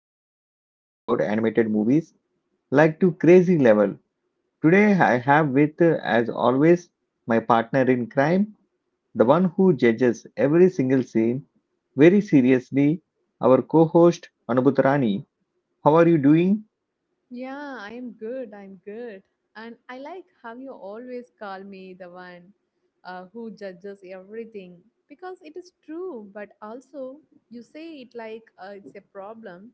too excited about animated movies like to crazy level. Today I have with, as always, my partner in crime, the one who judges every single scene very seriously, our co-host Anubhut Rani. How are you doing? Yeah, I'm good. I'm good. And I like how you always call me the one who judges everything because it is true, but also you say it like it's a problem.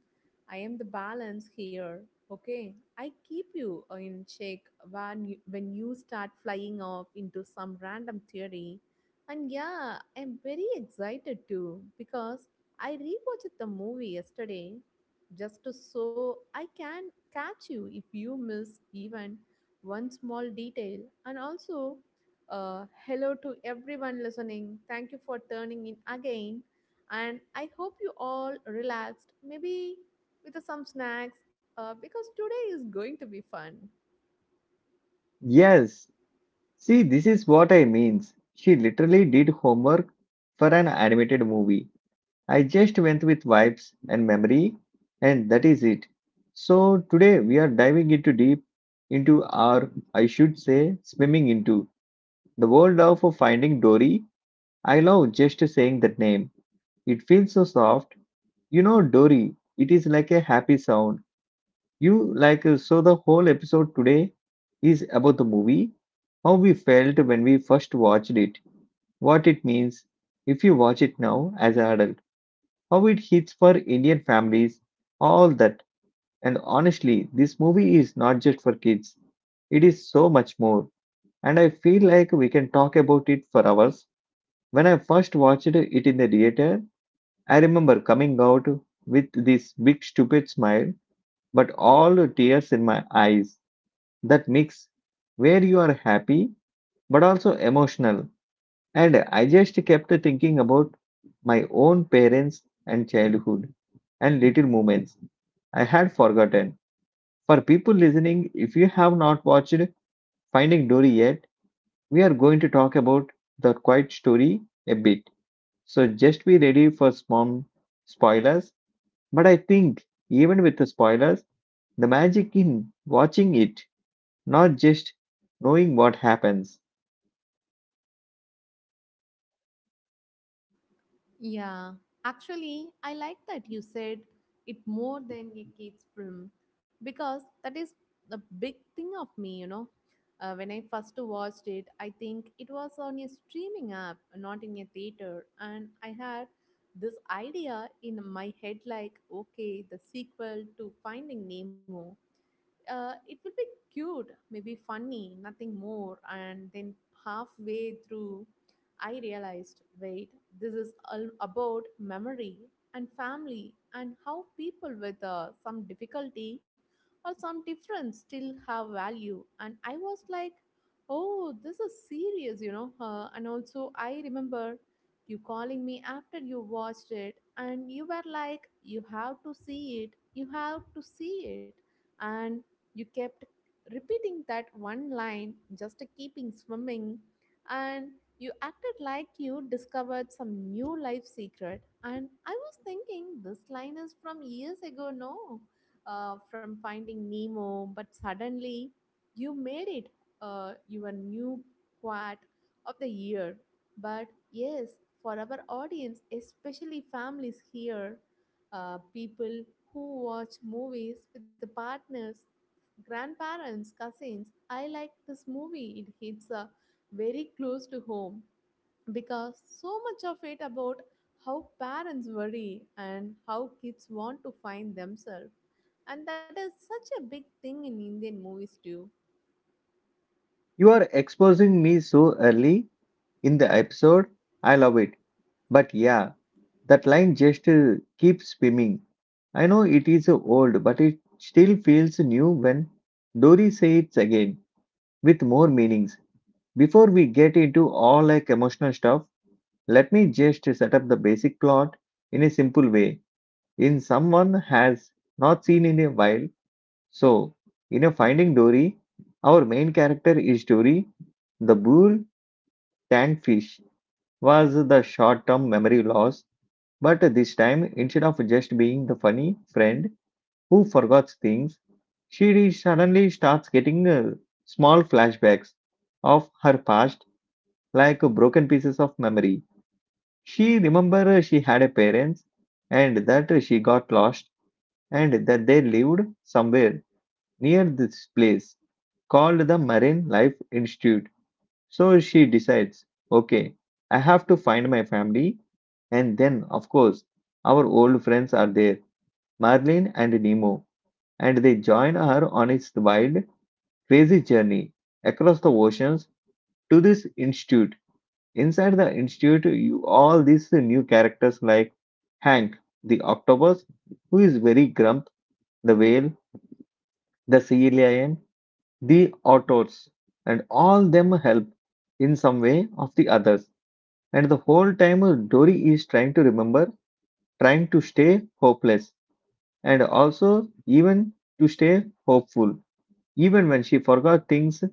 I am the balance here. Okay, I keep you in check when you start flying off into some random theory. And yeah, I'm very excited too because I rewatched the movie yesterday just to so I can catch you if you miss even one small detail. And also, hello to everyone listening. Thank you for turning in again. And I hope you all relaxed, maybe with some snacks, because today is going to be fun. Yes, see, this is what I means. She literally did homework for an animated movie. I just went with vibes and memory, and that is it. So today we are diving into deep into our, I should say, swimming into the world of Finding Dory. I love just saying that name. It feels so soft. You know, Dory. It is like a happy sound. You like so. The whole episode today is about the movie, how we felt when we first watched it, what it means if you watch it now as an adult, how it hits for Indian families, all that. And honestly, this movie is not just for kids, it is so much more. And I feel like we can talk about it for hours. When I first watched it in the theater, I remember coming out with this big stupid smile, but all the tears in my eyes. That mix where you are happy but also emotional. And I just kept thinking about my own parents and childhood and little moments I had forgotten. For people listening, if you have not watched Finding Dory yet, we are going to talk about the quiet story a bit. So just be ready for small spoilers. But I think even with the spoilers, the magic in watching it, not just knowing what happens. Yeah, actually, I like that you said it more than a kid's film because that is the big thing of me, you know. When I first watched it, I think it was on a streaming app, not in a theater, and I had this idea in my head like, okay, the sequel to Finding Nemo it will be cute, maybe funny, nothing more. And then halfway through, I realized wait, this is all about memory and family and how people with some difficulty or some difference still have value. And I was like, oh, this is serious, you know. And also, I remember you calling me after you watched it, and you were like, you have to see it, you have to see it and you kept repeating that one line, just keeping swimming, and you acted like you discovered some new life secret. And I was thinking, this line is from years ago, no? From Finding Nemo, but suddenly you made it your new quote of the year. But yes, for our audience, especially families here, people who watch movies with partners grandparents, cousins. I like this movie. It hits very close to home because so much of it about how parents worry and how kids want to find themselves. And that is such a big thing in Indian movies too. You are exposing me so early in the episode. I love it. But yeah, that line just keeps swimming. I know it is old, but it still feels new when Dory says it again with more meanings. Before we get into all like emotional stuff, let me just set up the basic plot in a simple way. In someone has not seen in a while. So, in a Finding Dory, our main character is Dory. The bull tank fish was the short-term memory loss. But this time, instead of just being the funny friend who forgets things, she suddenly starts getting small flashbacks of her past, like broken pieces of memory. She remembers she had a parents and that she got lost and that they lived somewhere near this place called the Marine Life Institute. So she decides, okay, I have to find my family, and then of course our old friends are there, Marlin and Nemo, and they join her on its wild, crazy journey across the oceans to this institute. Inside the institute, you all these new characters like Hank, the octopus, who is very grump, the whale, the sea lion, the otters, and all them help in some way of the others. And the whole time, Dory is trying to remember, trying to stay hopeless, and also even to stay hopeful even when she forgot things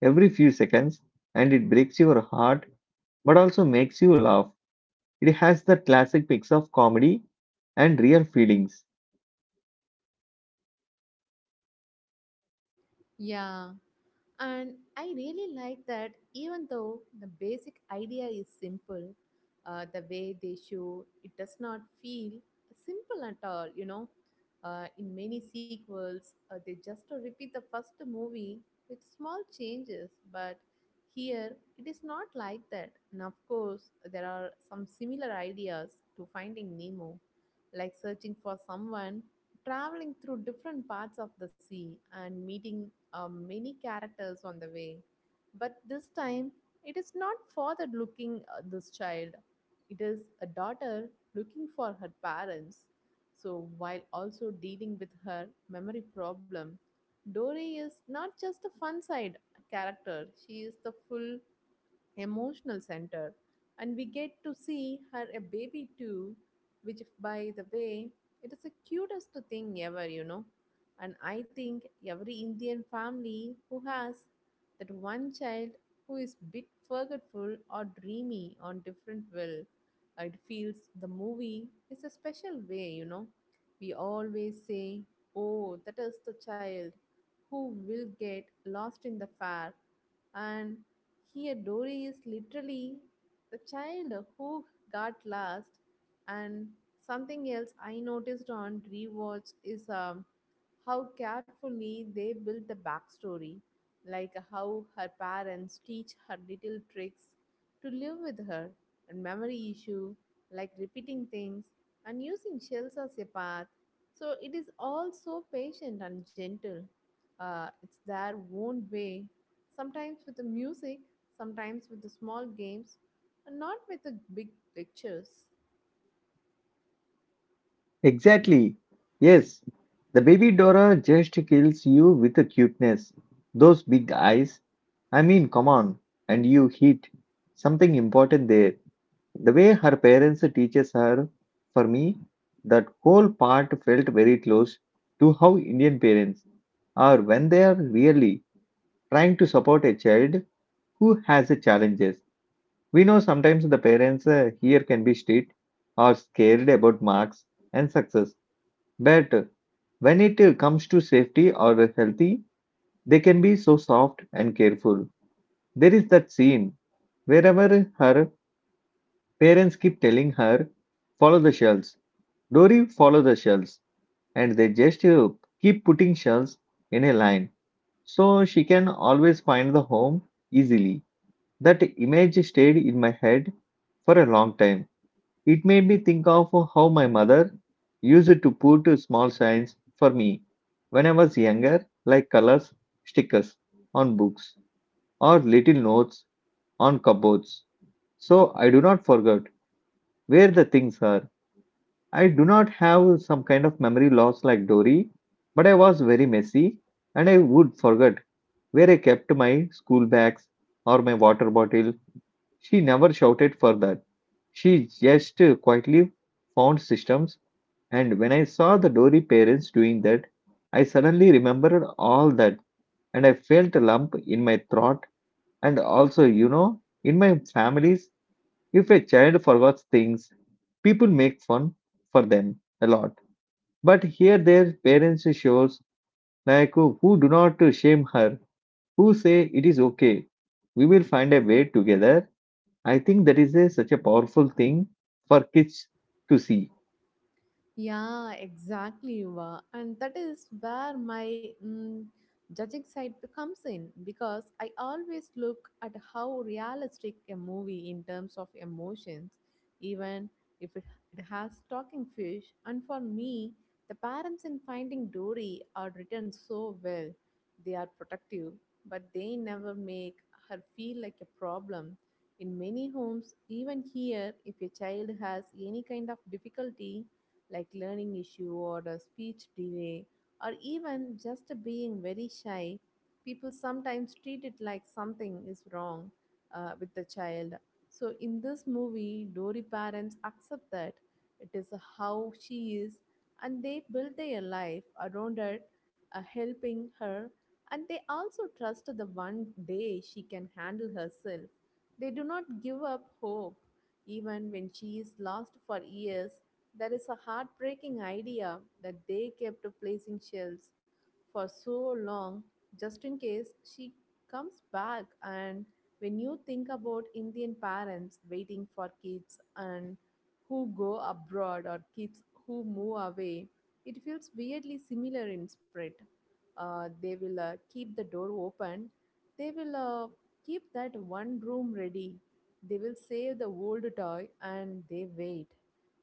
every few seconds, and it breaks your heart but also makes you laugh. It has the classic mix of comedy and real feelings. Yeah. And I really like that even though the basic idea is simple, the way they show it does not feel simple at all, you know. In many sequels, they just repeat the first movie with small changes, but here it is not like that. And of course, there are some similar ideas to finding Nemo, like searching for someone traveling through different parts of the sea and meeting many characters on the way. But this time, it is not father looking this child, it is a daughter looking for her parents. So, while also dealing with her memory problem, Dory is not just a fun side character, she is the full emotional center and we get to see her a baby too which by the way it is the cutest thing ever you know and I think every Indian family who has that one child who is bit forgetful or dreamy on different will it feels the movie is a special way you know we always say oh that is the child who will get lost in the fair and here, Dory is literally the child who got lost. And something else I noticed on rewatch is how carefully they built the backstory, like how her parents teach her little tricks to live with her, and memory issue, like repeating things and using shells as a path. So it is all so patient and gentle. It's their own way sometimes with the music sometimes with the small games and not with the big lectures. Exactly. Yes, the baby Dora just kills you with the cuteness. Those big eyes. I mean, come on. And you hit something important there. The way her parents teaches her, for me, that whole part felt very close to how Indian parents are when they are really trying to support a child who has challenges. We know sometimes the parents here can be strict or scared about marks and success, but when it comes to safety or healthy, they can be so soft and careful. There is that scene wherever her parents keep telling her, follow the shells, Dory, follow the shells, and they just keep putting shells in a line so she can always find the home easily. That image stayed in my head for a long time. It made me think of how my mother used to put small signs for me when I was younger, like colors, stickers on books, or little notes on cupboards. So I do not forget where the things are. I do not have some kind of memory loss like Dory, but I was very messy and I would forget where I kept my school bags or my water bottle. She never shouted for that. She just quietly found systems. And when I saw the Dory parents doing that, I suddenly remembered all that and I felt a lump in my throat. And also, you know, in my families, if a child forgets things, people make fun for them a lot, but here their parents shows like who do not shame her, who say it is okay. We will find a way together. I think that is a, such a powerful thing for kids to see. Yeah, exactly, Yuva. And that is where my judging side comes in because I always look at how realistic a movie in terms of emotions, even if it has talking fish. And for me, the parents in Finding Dory are written so well. They are protective, but they never make her feel like a problem. In many homes, even here, if a child has any kind of difficulty, like learning issue or a speech delay or even just being very shy, people sometimes treat it like something is wrong with the child. So in this movie, Dory parents accept that it is how she is and they build their life around her, helping her and they also trust the one day she can handle herself. They do not give up hope even when she is lost for years that is a heartbreaking idea that they kept placing shelves for so long just in case she comes back. And when you think about Indian parents waiting for kids and who go abroad or kids who move away, it feels weirdly similar in spirit. They will keep the door open, they will keep that one room ready, they will save the old toy and they wait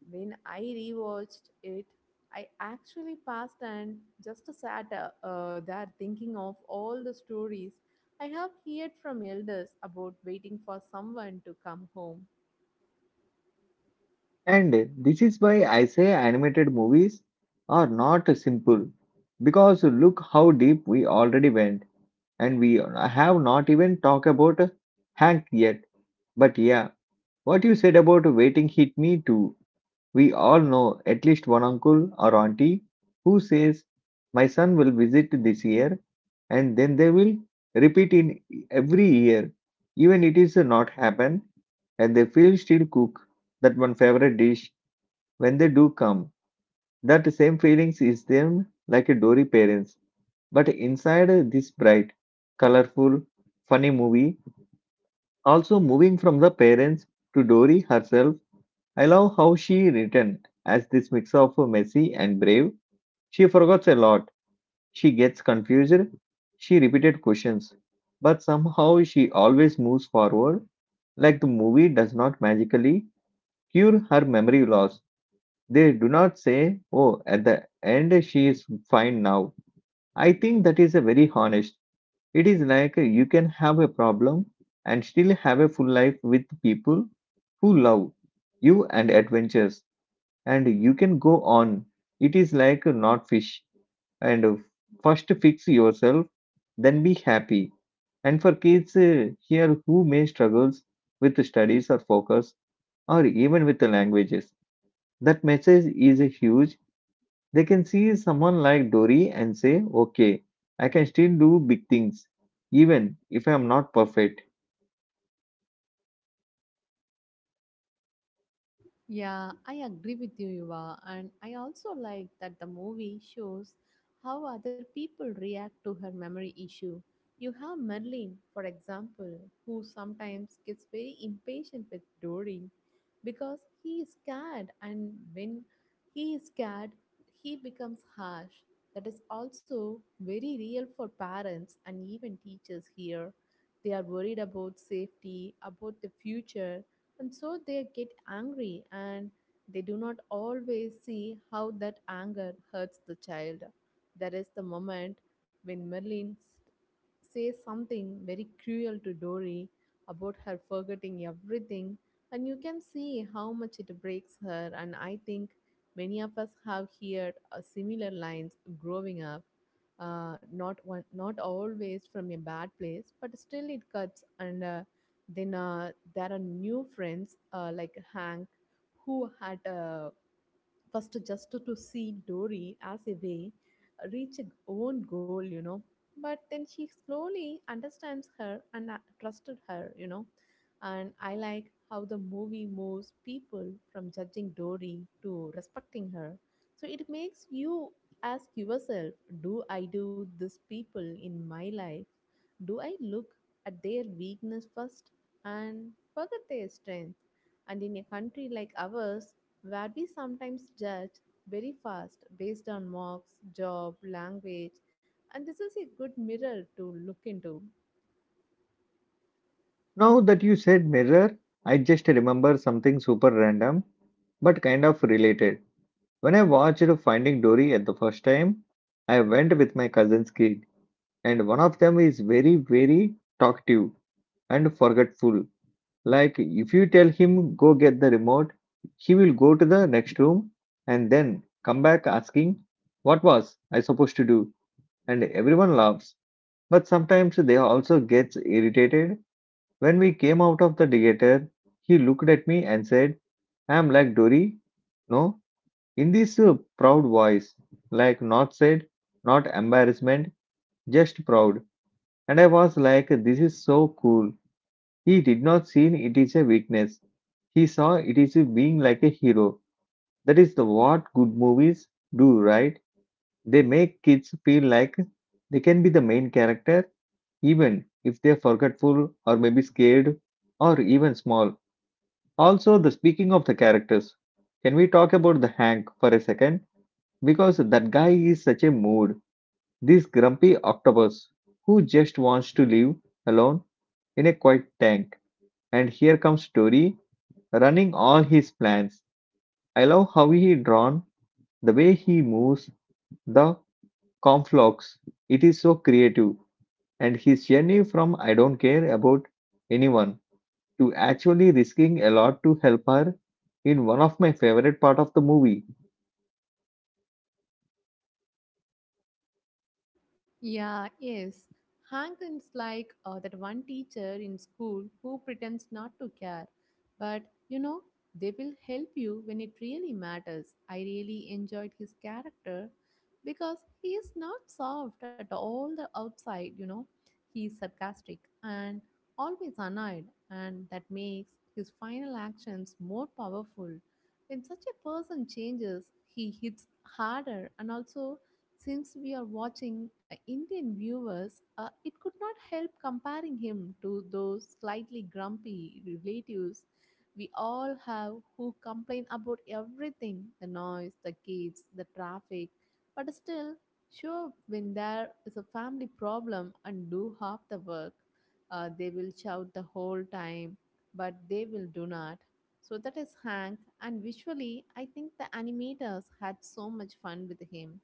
when I rewatched it, I actually passed and just sat there thinking of all the stories I have heard from elders about waiting for someone to come home. And this is why I say animated movies are not simple because look how deep we already went and we have not even talked about Hank yet. But yeah, what you said about waiting hit me too. We all know at least one uncle or auntie who says, my son will visit this year, and then they will repeat in every year, even it is not happen, and they feel still cook that one favorite dish when they do come. That same feelings is them like a Dory parents. But inside this bright, colorful, funny movie, also moving from the parents to Dory herself. I love how she written as this mix of messy and brave. She forgets a lot. She gets confused. She repeated questions. But somehow she always moves forward. Like the movie does not magically cure her memory loss. They do not say, oh, at the end she is fine now. I think that is a very honest. It is like you can have a problem and still have a full life with people who love you and adventures and you can go on. It is like not fish. And first fix yourself, then be happy. And for kids here who may struggles with studies or focus or even with the languages, that message is a huge. They can see someone like Dory and say, okay, I can still do big things, even if I am not perfect. Yeah, I agree with you, Yuva. And I also like that the movie shows how other people react to her memory issue. You have Merlin, for example, who sometimes gets very impatient with Dory because he is scared, and when he is scared, he becomes harsh. That is also very real for parents and even teachers here. They are worried about safety, about the future, and so they get angry and they do not always see how that anger hurts the child. There is the moment when Merlin says something very cruel to Dory about her forgetting everything, and you can see how much it breaks her. And I think many of us have heard similar lines growing up. Not one, not always from a bad place, but still it cuts and then there are new friends like Hank, who had a first just to see Dory as a way reach a own goal, you know. But then she slowly understands her and trusted her, you know. And I like how the movie moves people from judging Dory to respecting her. So it makes you ask yourself, do I do this people in my life? Do I look at their weakness first and forget their strength? And in a country like ours, where we sometimes judge very fast based on marks, job, language, and this is a good mirror to look into. Now that you said mirror, I just remember something super random but kind of related. When I watched Finding Dory at the first time, I went with my cousin's kid, and one of them is very, very talkative and forgetful. Like, if you tell him, go get the remote, he will go to the next room and then come back asking, what was I supposed to do? And everyone laughs. But sometimes they also gets irritated. When we came out of the theater, he looked at me and said, I am like Dory. No, in this proud voice, like not said, not embarrassment, just proud. And I was like, this is so cool. He did not see it is a weakness. He saw it is a being like a hero. That is the what good movies do, right? They make kids feel like they can be the main character, even if they're forgetful or maybe scared or even small. Also, the speaking of the characters, can we talk about the Hank for a second? Because that guy is such a mood, this grumpy octopus who just wants to live alone in a quiet tank. And here comes Tori running all his plans. I love how he drawn, the way he moves, the conflux. It is so creative. And his journey from I don't care about anyone to actually risking a lot to help her in one of my favorite part of the movie. Yeah, yes. Hankins like that one teacher in school who pretends not to care, but you know they will help you when it really matters. I really enjoyed his character because he is not soft at all the outside. You know, he is sarcastic and always annoyed, and that makes his final actions more powerful. When such a person changes, he hits harder and also since we are watching Indian viewers, it could not help comparing him to those slightly grumpy relatives we all have who complain about everything the noise, the kids, the traffic, but still show up when there is a family problem and do half the work. They will shout the whole time, but they will do not. So that is Hank, and visually, I think the animators had so much fun with him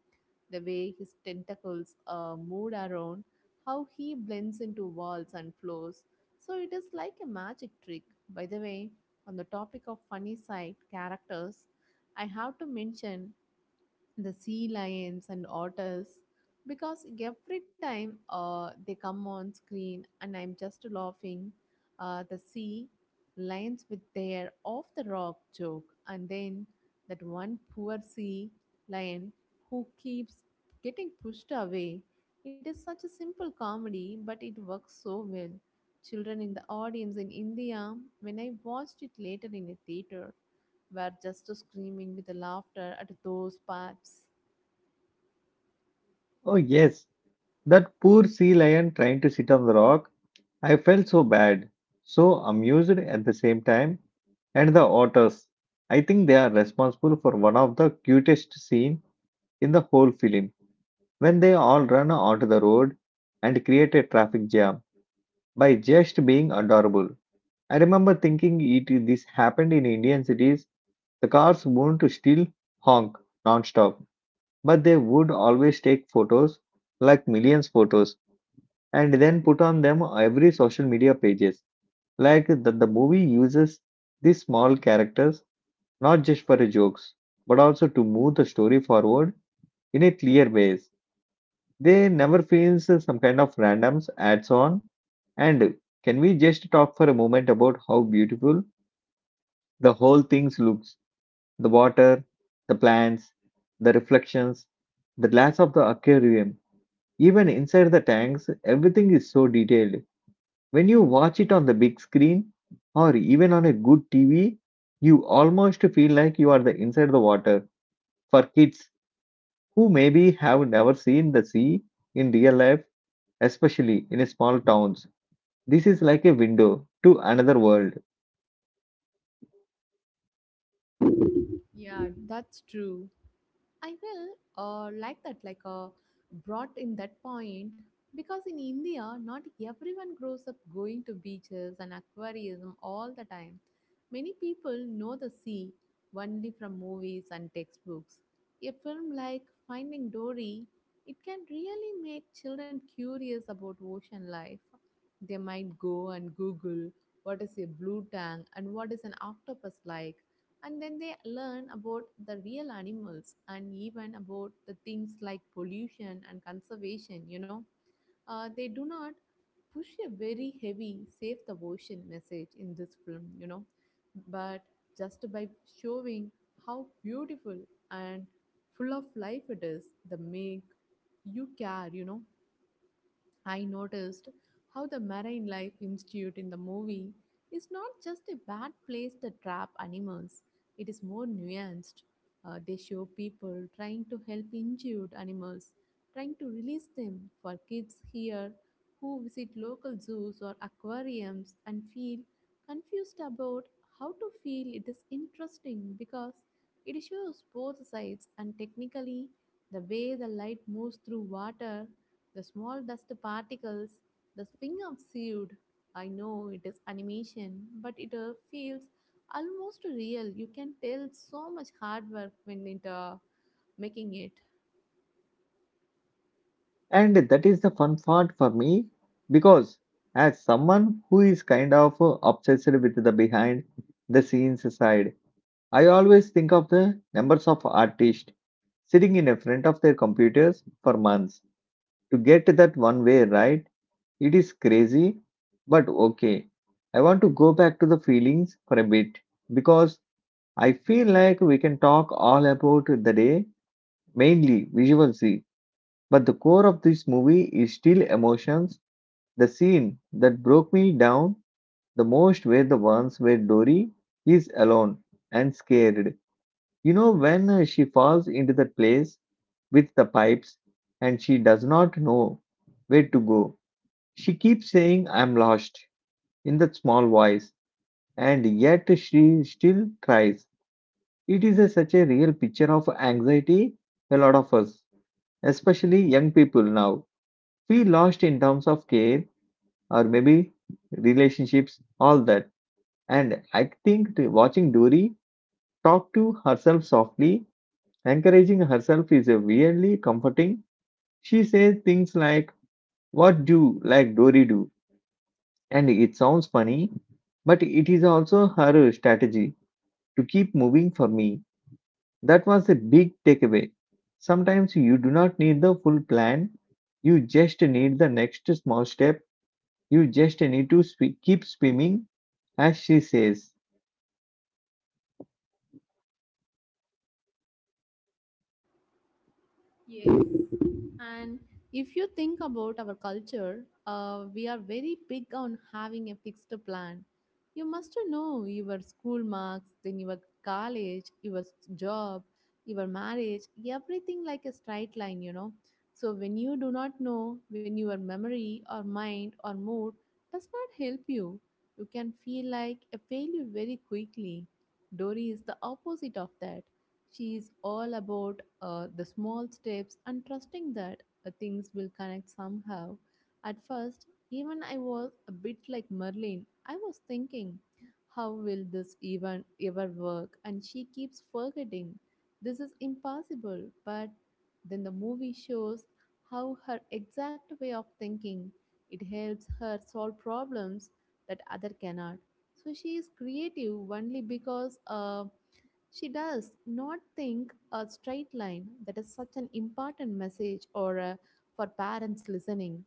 the way his tentacles moved around, how he blends into walls and floors. So it is like a magic trick. By the way, on the topic of funny side characters, I have to mention the sea lions and otters because every time they come on screen and I'm just laughing, the sea lions with their off the rock joke, and then that one poor sea lion who keeps getting pushed away. It is such a simple comedy, but it works so well. Children in the audience in India, when I watched it later in a theater, were just screaming with laughter at those parts. Oh yes, that poor sea lion trying to sit on the rock. I felt so bad, so amused at the same time. And the otters, I think they are responsible for one of the cutest scene in the whole film when they all run onto the road and create a traffic jam by just being adorable. I remember thinking it this happened in Indian cities. The cars wouldn't still honk non-stop, but they would always take photos, like millions photos, and then put on them every social media pages. Like that the movie uses these small characters not just for jokes, but also to move the story forward in a clear ways. They never feels some kind of randoms adds on. And can we just talk for a moment about how beautiful the whole thing looks? The water, the plants, the reflections, the glass of the aquarium, even inside the tanks, everything is so detailed. When you watch it on the big screen or even on a good TV, you almost feel like you are the inside the water. For kids who maybe have never seen the sea in real life, especially in small towns, this is like a window to another world. Yeah, that's true. I will like that, like brought in that point because in India, not everyone grows up going to beaches and aquarium all the time. Many people know the sea only from movies and textbooks. A film like Finding Dory, it can really make children curious about ocean life. They might go and Google what is a blue tang and what is an octopus like and then they learn about the real animals and even about the things like pollution and conservation you know they do not push a very heavy save the ocean message in this film you know but just by showing how beautiful and full of life it is the make you care you know I noticed how the Marine Life Institute in the movie is not just a bad place to trap animals, it is more nuanced. They show people trying to help injured animals, trying to release them for kids here who visit local zoos or aquariums and feel confused about how to feel. It is interesting because it shows both sides, and technically the way the light moves through water, the small dust particles, the swing of seed. I know it is animation, but it feels almost real. You can tell so much hard work when it making it. And that is the fun part for me because as someone who is kind of obsessed with the behind the scenes side, I always think of the numbers of artists sitting in front of their computers for months to get that one way right. It is crazy, but okay. I want to go back to the feelings for a bit because I feel like we can talk all about the day, mainly visually. But the core of this movie is still emotions. The scene that broke me down the most were the ones where Dory is alone and scared. You know, when she falls into that place with the pipes and she does not know where to go. She keeps saying, I'm lost, in that small voice, and yet she still cries. It is a, such a real picture of anxiety a lot of us, especially young people now, feel lost in terms of care or maybe relationships, all that. And I think watching Dory talk to herself softly, encouraging herself is a weirdly comforting. She says things like, what do like Dory do? And it sounds funny, but it is also her strategy to keep moving for me. That was a big takeaway. Sometimes you do not need the full plan, you just need the next small step. You just need to keep swimming, as she says. Yes. And if you think about our culture, we are very big on having a fixed plan. You must know your school marks, then your college, your job, your marriage, everything like a straight line, you know. So when you do not know, when your memory or mind or mood does not help you, you can feel like a failure very quickly. Dory is the opposite of that. She is all about the small steps and trusting that things will connect somehow. At first, even I was a bit like Merlin. I was thinking, how will this even ever work? And she keeps forgetting. This is impossible. But then the movie shows how her exact way of thinking, it helps her solve problems that other cannot. So she is creative only because she does not think a straight line. That is such an important message or for parents listening.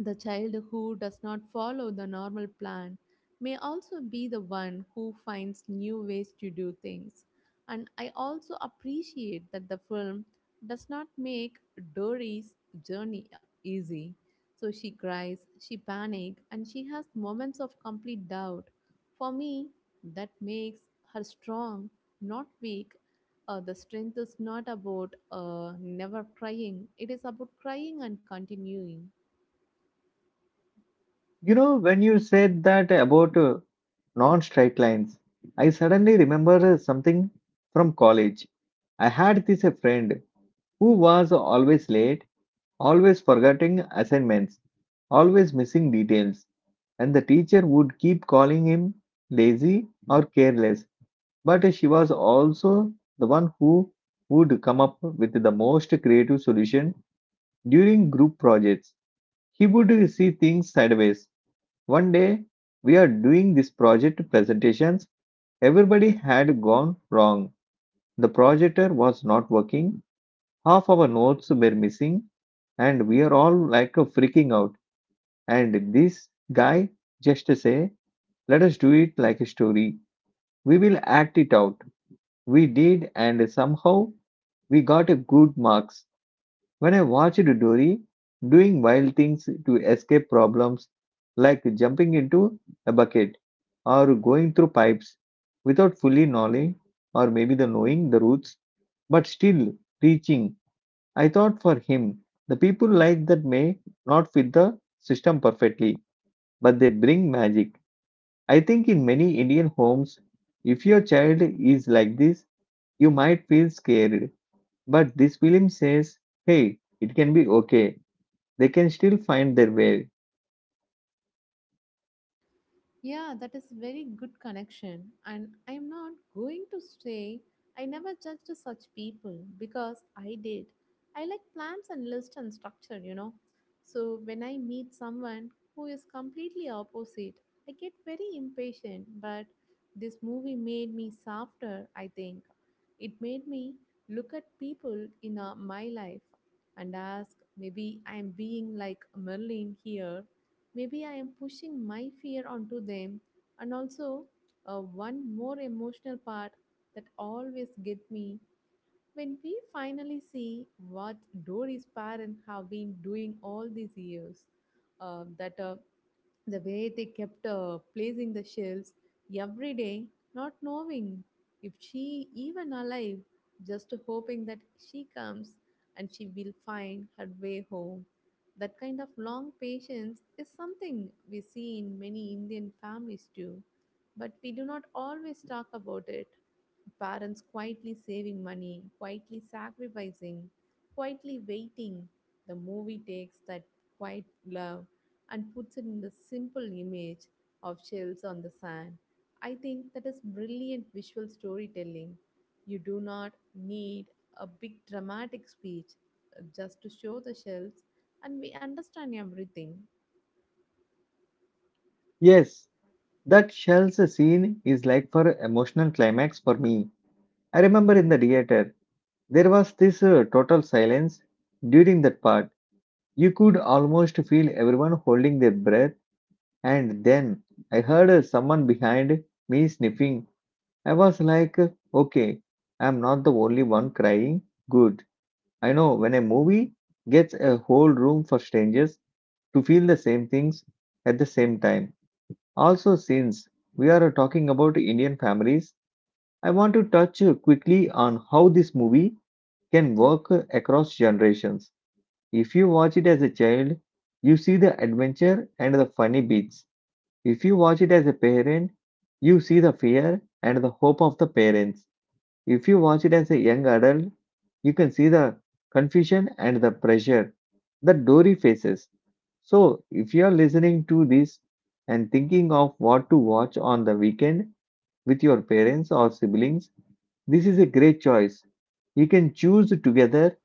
The child who does not follow the normal plan may also be the one who finds new ways to do things. And I also appreciate that the film does not make Dory's journey easy. So she cries, she panics, and she has moments of complete doubt. For me, that makes her strong, not weak. The strength is not about never crying, it is about crying and continuing. You know, when you said that about non straight lines, I suddenly remember something from college. I had this a friend who was always late always forgetting assignments, always missing details, and the teacher would keep calling him lazy or careless. But she was also the one who would come up with the most creative solution during group projects. He would see things sideways. One day, we are doing this project presentations. Everybody had gone wrong. The projector was not working. Half our notes were missing, and we are all like freaking out. And this guy just say, let us do it like a story. We will act it out. We did, and somehow we got a good marks. When I watched Dory doing wild things to escape problems, like jumping into a bucket or going through pipes without fully knowing or maybe the knowing the roots, but still reaching, I thought for him, the people like that may not fit the system perfectly but they bring magic. I think in many Indian homes, if your child is like this, you might feel scared. But this film says, hey, it can be okay. They can still find their way. Yeah, that is very good connection. And I'm not going to say I never judged such people, because I did. I like plans and list and structure, you know. So when I meet someone who is completely opposite, I get very impatient. But this movie made me softer, I think. It made me look at people in my life and ask, maybe I'm being like Merlin here, maybe I am pushing my fear onto them. And also, one more emotional part that always get me, when we finally see what Dory's parents have been doing all these years. That the way they kept placing the shelves every day, not knowing if she even alive, just hoping that she comes and she will find her way home. That kind of long patience is something we see in many Indian families too, but we do not always talk about it. Parents quietly saving money, quietly sacrificing, quietly waiting. The movie takes that quiet love and puts it in the simple image of shells on the sand. I think that is brilliant visual storytelling. You do not need a big dramatic speech, just to show the shells, and we understand everything. Yes, that shells scene is like for emotional climax for me. I remember in the theater, there was this total silence during that part. You could almost feel everyone holding their breath, and then I heard someone behind me sniffing. I was like, okay, I'm not the only one crying. Good. I know when a movie gets a whole room for strangers to feel the same things at the same time. Also, since we are talking about Indian families, I want to touch quickly on how this movie can work across generations. If you watch it as a child, you see the adventure and the funny bits. If you watch it as a parent, you see the fear and the hope of the parents if you watch it as a young adult, you can see the confusion and the pressure that Dory faces. So, if you are listening to this and thinking of what to watch on the weekend with your parents or siblings, this is a great choice. You can choose together,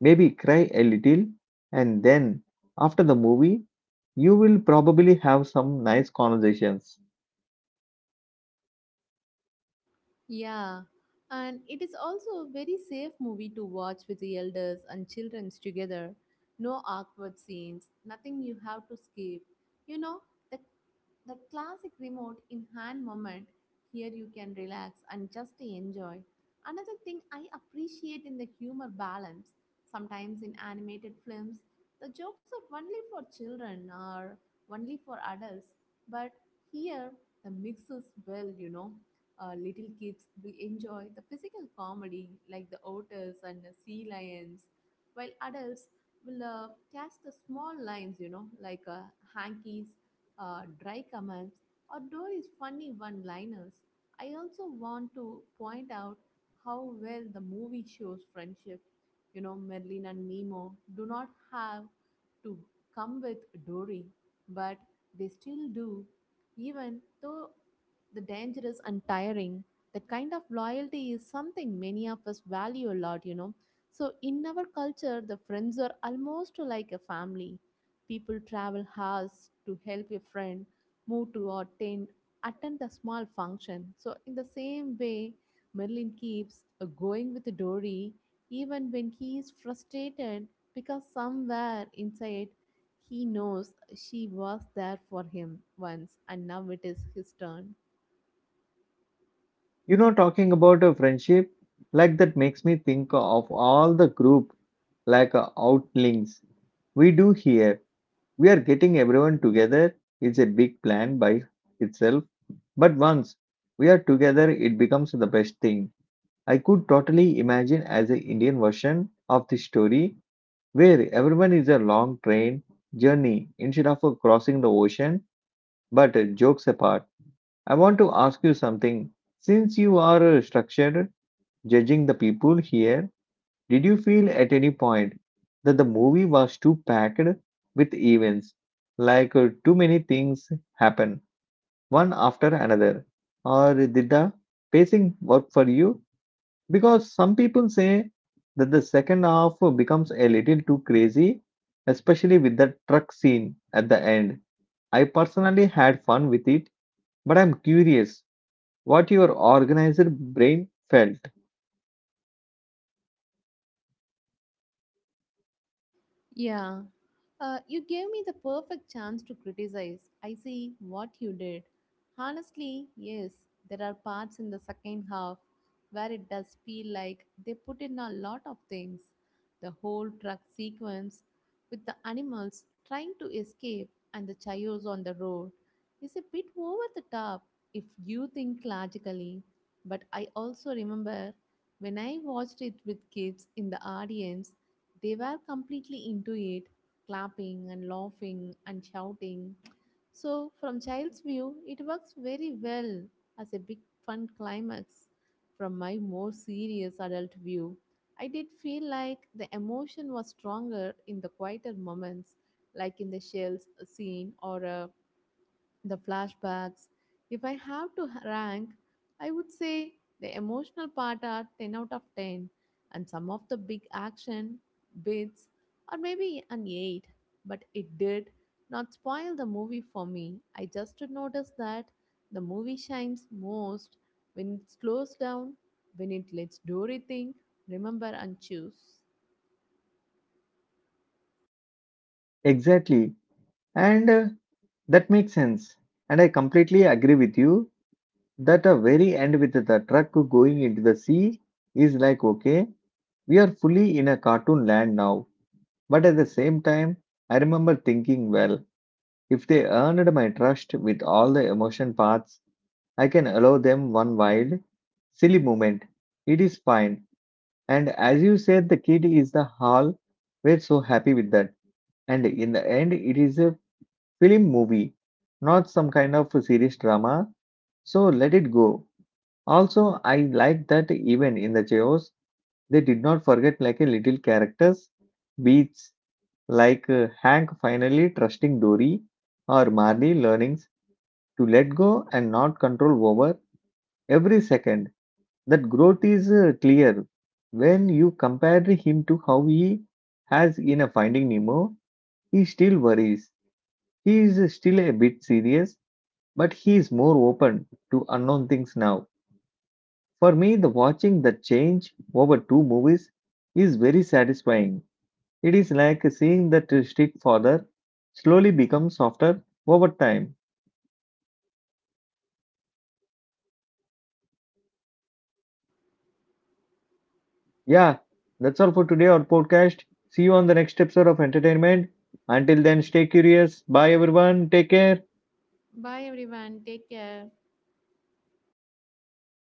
maybe cry a little, and then after the movie, you will probably have some nice conversations. Yeah, and it is also a very safe movie to watch with the elders and children together. No awkward scenes, nothing you have to skip. You know, the, the classic remote in hand moment, here you can relax and just enjoy. Another thing I appreciate in the humor balance, sometimes in animated films, the jokes are only for children or only for adults, but here the mix is well, you know. Little kids will enjoy the physical comedy like the otters and the sea lions, while adults will catch the small lines, you know, like hankies, dry comments, or Dory's funny one liners. I also want to point out how well the movie shows friendship. You know, Merlin and Nemo do not have to come with Dory, but they still do, even though the danger is untiring. That kind of loyalty is something many of us value a lot, you know. So, in our culture, the friends are almost like a family. People travel hours to help a friend move to or attend the small function. So, in the same way, Merlin keeps going with Dory even when he is frustrated, because somewhere inside he knows she was there for him once and now it is his turn. You know, talking about a friendship, like that makes me think of all the group, like outlinks we do here. We are getting everyone together. It's a big plan by itself. But once we are together, it becomes the best thing. I could totally imagine as an Indian version of this story where everyone is a long train journey instead of crossing the ocean. But jokes apart, I want to ask you something. Since you are structured, judging the people here, did you feel at any point that the movie was too packed with events? Like too many things happen one after another? Or did the pacing work for you? Because some people say that the second half becomes a little too crazy, especially with the truck scene at the end. I personally had fun with it, but I'm curious what your organizer brain felt. Yeah. You gave me the perfect chance to criticize. I see what you did. Honestly, yes, there are parts in the second half where it does feel like they put in a lot of things. The whole truck sequence with the animals trying to escape and the chaos on the road is a bit over the top if you think logically. But I also remember when I watched it with kids in the audience, they were completely into it, clapping and laughing and shouting. So, from child's view, it works very well as a big fun climax. From my more serious adult view, I did feel like the emotion was stronger in the quieter moments, like in the shells scene or the flashbacks. If I have to rank, I would say the emotional part are 10 out of 10, and some of the big action bits are maybe an 8, but it did not spoil the movie for me. I just noticed that the movie shines most when it slows down, when it lets Dory think, remember, and choose. Exactly. And that makes sense. And I completely agree with you that a very end with the truck going into the sea is like, okay, we are fully in a cartoon land now. But at the same time, I remember thinking, well, if they earned my trust with all the emotion parts, I can allow them one wild, silly moment. It is fine. And as you said, the kid is the hall. We're so happy with that. And in the end, it is a film movie, not some kind of serious drama. So let it go. Also, I like that even in the chaos, they did not forget like a little characters beats like Hank finally trusting Dory or Marley learnings to let go and not control over every second. That growth is clear when you compare him to how he has in a Finding Nemo. He still worries. He is still a bit serious, but he is more open to unknown things now. For me, the watching the change over two movies is very satisfying. It is like seeing that strict father slowly become softer over time. Yeah, that's all for today, our podcast. See you on the next episode of entertainment. Until then, stay curious. Bye, everyone. Take care. Bye everyone, take care.